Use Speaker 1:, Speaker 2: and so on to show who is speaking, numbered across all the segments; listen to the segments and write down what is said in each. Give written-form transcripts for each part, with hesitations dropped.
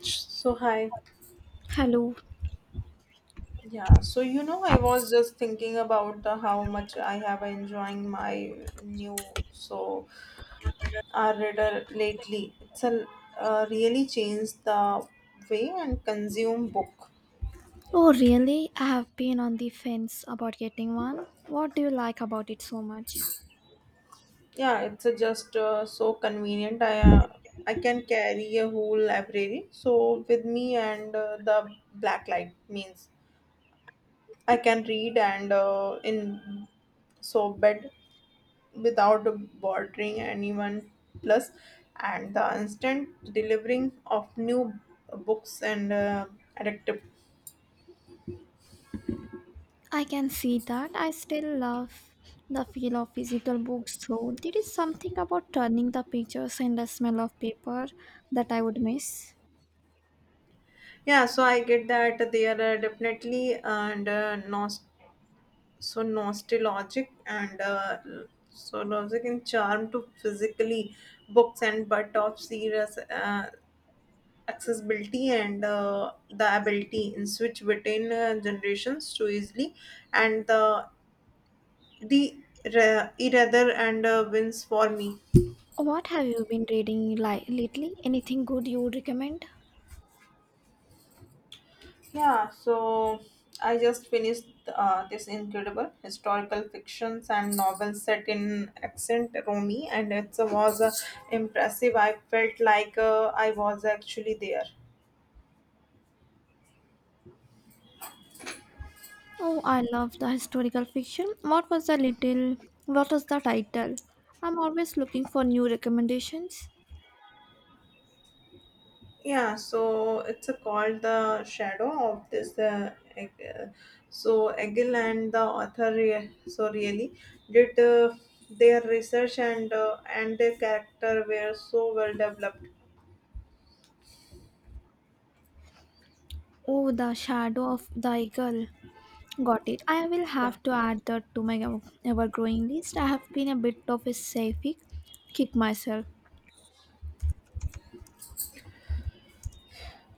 Speaker 1: So hi,
Speaker 2: Hello.
Speaker 1: yeah. So I was just thinking about the how much I have enjoying my new so our reader lately. It's a really changed the way and consume book.
Speaker 2: Oh, really? I have been on the fence about getting one. What do you like about it so much?
Speaker 1: Yeah, it's a just so convenient. I can carry a whole library so with me and the black light means I can read and in so bed without bothering anyone plus and the instant delivering of new books and addictive
Speaker 2: I can see that. I still love the feel of physical books, though. There is something about turning the pictures and the smell of paper that I would miss.
Speaker 1: yeah so I get that they are definitely and so nostalgic and so nostalgic in charm to physically books and but of serious accessibility and the ability in switch between generations too easily and the Irother and wins for me.
Speaker 2: What have you been reading lately? Anything good you would recommend?
Speaker 1: Yeah, so I just finished this incredible historical fictions and novels set in accent Romi, and it was impressive. I felt like I was actually there.
Speaker 2: Oh, I love the historical fiction. What was the little? What was the title? I'm always looking for new recommendations.
Speaker 1: Yeah, so it's called The Shadow of this. So Egil and the author so really did their research and their character were so well developed.
Speaker 2: Oh, the shadow of the eagle. Got it. I will
Speaker 1: Yeah,
Speaker 2: have to add that to my ever growing list. I have been a bit of a sci-fi kick myself.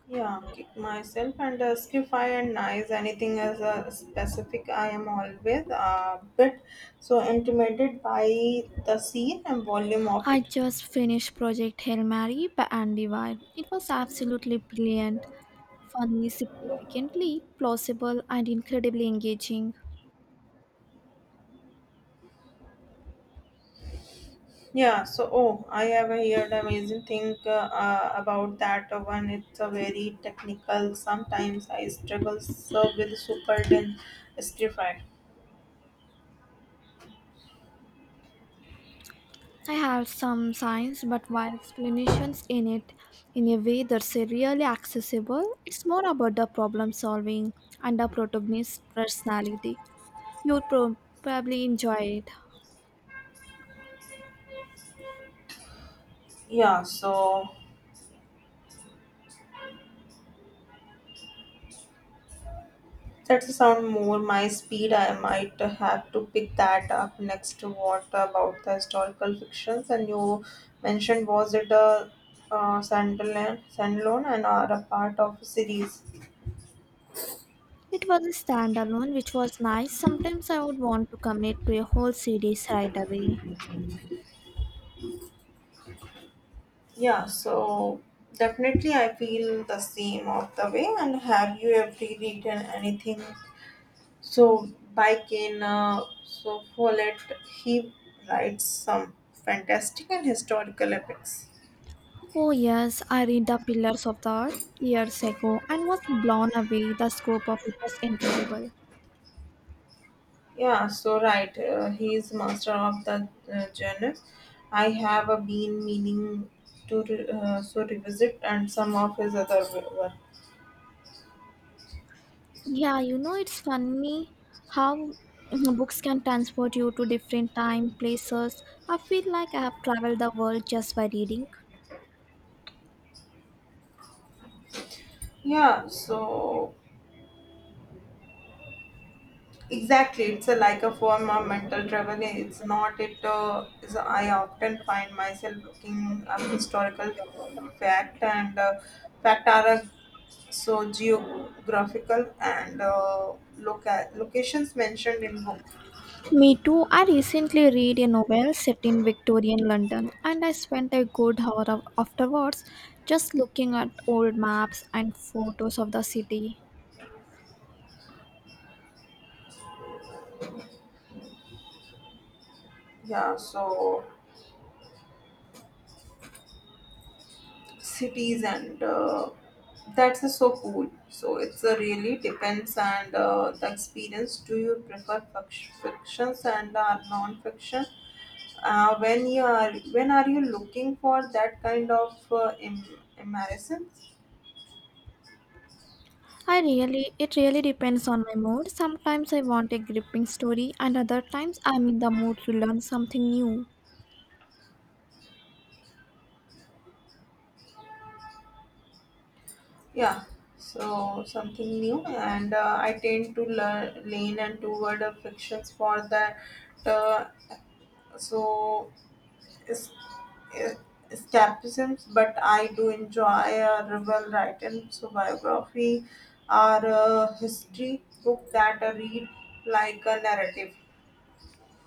Speaker 1: yeah. Kick myself and skify and nice anything as a specific. I am always a bit so intimidated by the scene and volume of
Speaker 2: I
Speaker 1: it.
Speaker 2: just finished Project Hail Mary by Andy Weir. It was absolutely brilliant, funny, significantly plausible, and incredibly engaging.
Speaker 1: Yeah. So oh, I have heard amazing thing about that one. It's a very technical. Sometimes I struggle so with super dense skify.
Speaker 2: I had some science but wild explanations in it in a way that's really accessible. It's more about the problem solving and the protagonist's personality. You would probably enjoy it.
Speaker 1: Yeah. So that's sound more my speed. I might have to pick that up next. What about the historical fictions? And you mentioned was it a standalone, and are a part of a series?
Speaker 2: It was a standalone, which was nice. Sometimes I would want to commit to a whole series right away.
Speaker 1: Yeah. So definitely, I feel the same of the way. And have you ever read anything? So by Kane, so Follett, he writes some fantastic and historical epics.
Speaker 2: Oh, yes, I read The Pillars of the Earth years ago and was blown away. The scope of it was incredible.
Speaker 1: Yeah, so right. He is master of the genre. I have been meaning to so revisit and some of his other work.
Speaker 2: Yeah, you know, it's funny how books can transport you to different time, places. I feel like I have traveled the world just by reading.
Speaker 1: Yeah, so exactly, it's a, like a form of mental travel. It's not it. Is I often find myself looking up historical fact and fact are so geographical and locations mentioned in book.
Speaker 2: Me too. I recently read a novel set in Victorian London and I spent a good hour afterwards just looking at old maps and photos of the city.
Speaker 1: Yeah, so cities and that's so cool so it's really depends and the experience do you prefer fictions and non-fiction when are you looking for that kind of immersion
Speaker 2: I really it really depends on my mood. Sometimes I want a gripping story and other times I'm in the mood to learn something new.
Speaker 1: yeah so something new and I tend to learn lean and toward fictions for that uh, so es- e- escapisms, but I do enjoy a well written so biography or a history book that I read like a narrative.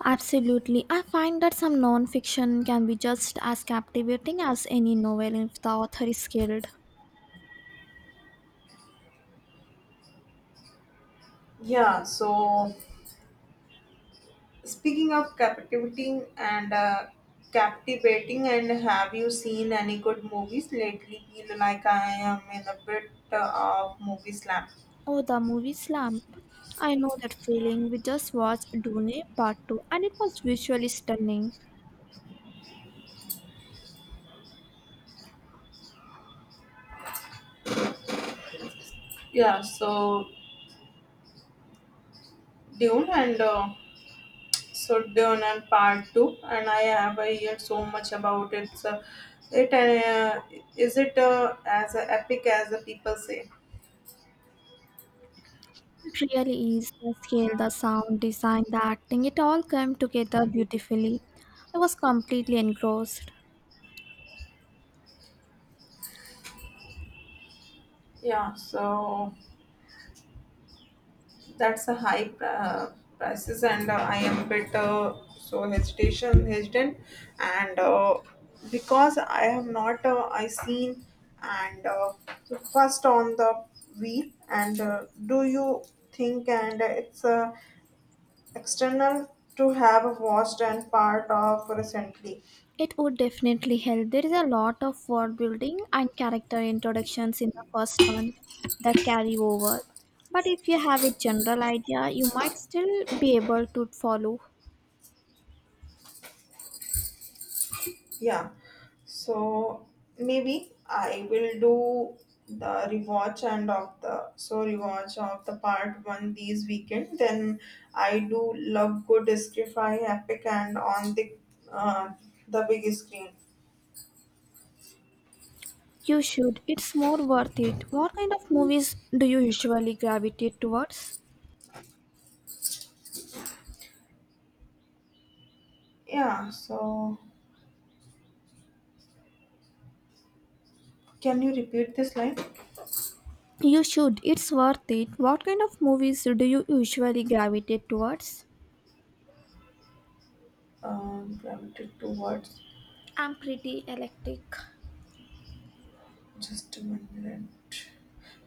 Speaker 2: Absolutely. I find that some non-fiction can be just as captivating as any novel if the author is skilled.
Speaker 1: Yeah, so speaking of captivating, and have you seen any good movies lately? Feel like I am in a bit of movie slump.
Speaker 2: Oh, the movie Slump. I know that feeling. We just watched Dune Part 2 and it was visually stunning.
Speaker 1: Yeah, so Dune and so done and part two, and I have heard so much about it. So it is it as epic as the people say.
Speaker 2: It really is. The scale, the sound design, the acting, it all came together beautifully. I was completely engrossed.
Speaker 1: Yeah, so that's a high prices, and I am a bit so hesitation hesitant, and because I have not I seen and so first on the wheel, and do you think and it's external to have watched and part of recently.
Speaker 2: It would definitely help. There is a lot of world building and character introductions in the first one that carry over. But if you have a general idea, you might still be able to follow.
Speaker 1: Yeah. So maybe I will do the rewatch of the part one these weekend. Then I do love good sci-fi epic and on uh, the big screen.
Speaker 2: You should. It's more worth it. What kind of movies do you usually gravitate towards?
Speaker 1: Yeah. So can you repeat this line?
Speaker 2: You should. It's worth it. What kind of movies do you usually gravitate towards?
Speaker 1: Gravity towards
Speaker 2: I'm pretty eclectic.
Speaker 1: just one minute.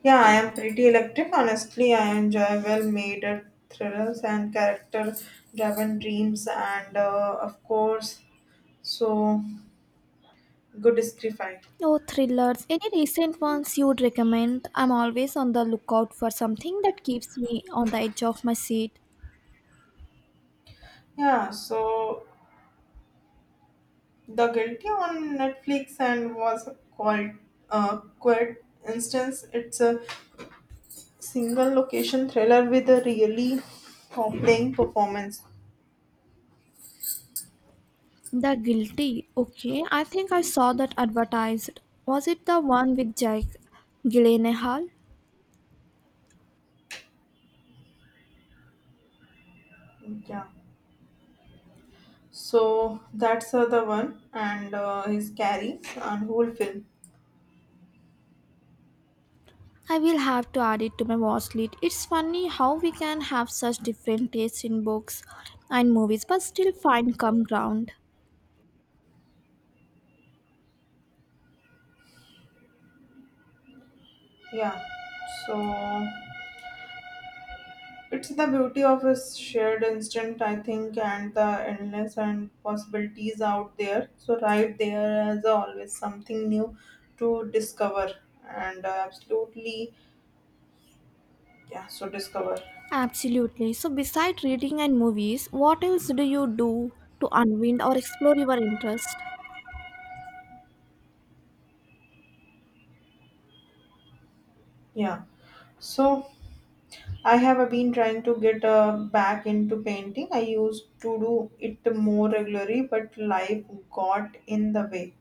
Speaker 1: Yeah, I am pretty electric. Honestly, I enjoy well-made thrillers and character-driven dreams, and of course, so good sci-fi.
Speaker 2: Oh, thrillers. Any recent ones you would recommend? I'm always on the lookout for something that keeps me on the edge of my seat.
Speaker 1: Yeah, so The Guilty on Netflix and was called Quiet Instance. It's a single location thriller with a really compelling performance.
Speaker 2: The Guilty. Okay, I think I saw that advertised. Was it the one with Jake Gyllenhaal?
Speaker 1: Yeah, so that's the one, and his carry and whole film.
Speaker 2: I will have to add it to my watch list. It's funny how we can have such different tastes in books and movies but still find common ground.
Speaker 1: Yeah, so it's the beauty of a shared instant, I think, and the endless and possibilities out there. So right there is always something new to discover, and absolutely, yeah. So discover,
Speaker 2: Absolutely. So, besides reading and movies, what else do you do to unwind or explore your interest?
Speaker 1: yeah. So I have been trying to get back into painting. I used to do it more regularly, but life got in the way.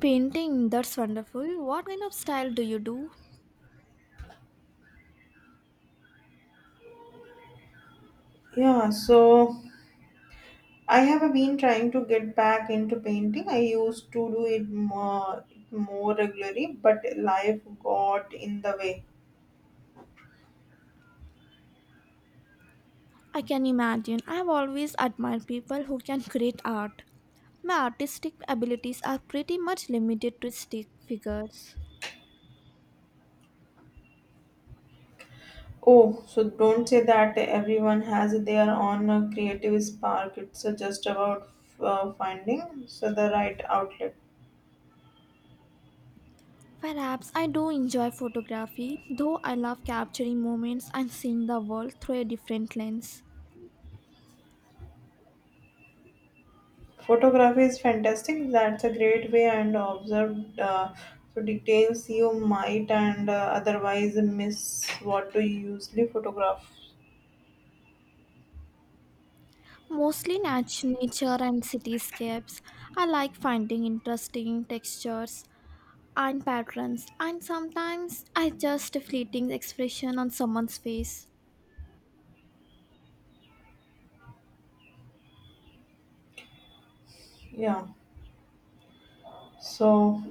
Speaker 2: Painting, that's wonderful. What kind of style do you do?
Speaker 1: Yeah, so I have been trying to get back into painting. I used to do it more, regularly, but life got in the way.
Speaker 2: I can imagine. I have always admired people who can create art. My artistic abilities are pretty much limited to stick figures.
Speaker 1: Oh, so don't say that everyone has their own creative spark. It's just about finding so the right outlet.
Speaker 2: Perhaps I do enjoy photography, though I love capturing moments and seeing the world through a different lens.
Speaker 1: Photography is fantastic. That's a great way and observed so details you might and otherwise miss what to usually photograph.
Speaker 2: Mostly nature and cityscapes. I like finding interesting textures and patterns, and sometimes I just a fleeting expression on someone's face.
Speaker 1: Yeah. So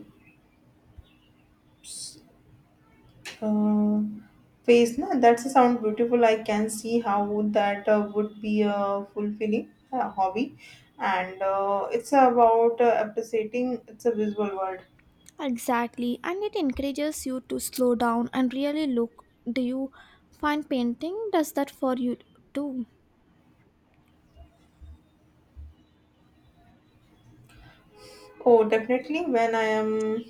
Speaker 1: uh, face na that's a sound beautiful I can see how that would be a fulfilling hobby and it's about appreciating it's a visual world
Speaker 2: Exactly, and it encourages you to slow down and really look. Do you find painting does that for you too?
Speaker 1: oh definitely when I am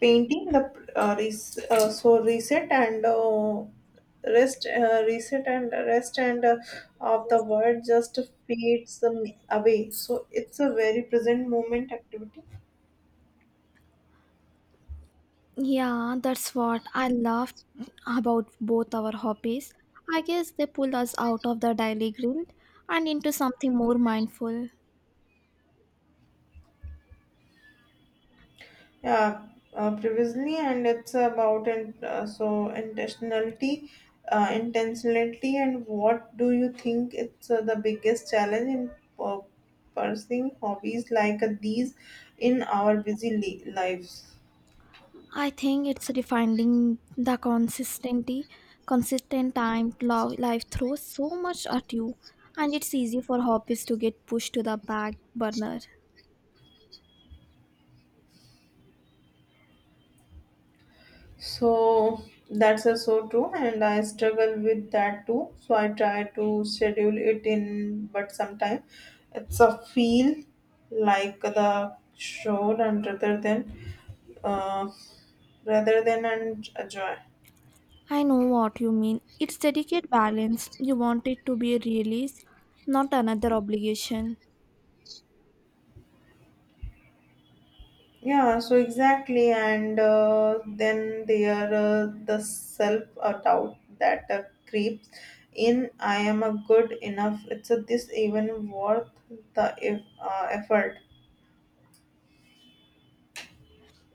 Speaker 1: painting the so reset and rest reset and rest and of the world just fades away so it's a very present moment activity
Speaker 2: Yeah, that's what I love about both our hobbies. I guess they pull us out of the daily grind and into something more mindful.
Speaker 1: yeah previously and it's about and so intentionality intentionality and what do you think it's the biggest challenge in uh, pursuing hobbies like these in our busy lives.
Speaker 2: I think it's refining the consistent time life throws so much at you, and it's easy for hobbies to get pushed to the back burner.
Speaker 1: So that's so true, and I struggle with that too. So I try to schedule it in, but sometimes it's a feel like the show and uh, rather than and a joy.
Speaker 2: I know what you mean. It's delicate balance. You want it to be a release, not another obligation.
Speaker 1: Yeah, so exactly, and then there the self doubt that creeps in. I am a good enough. It's a, this even worth the if, effort.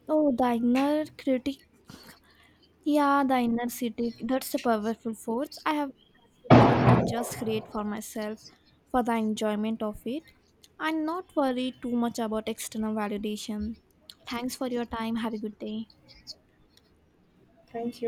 Speaker 2: Oh, the inner critic. Yeah, the inner city, that's a powerful force. I have had to learn to just create for myself, for the enjoyment of it, and not worry too much about external validation. Thanks for your time. Have a good day.
Speaker 1: Thank
Speaker 2: Thank you.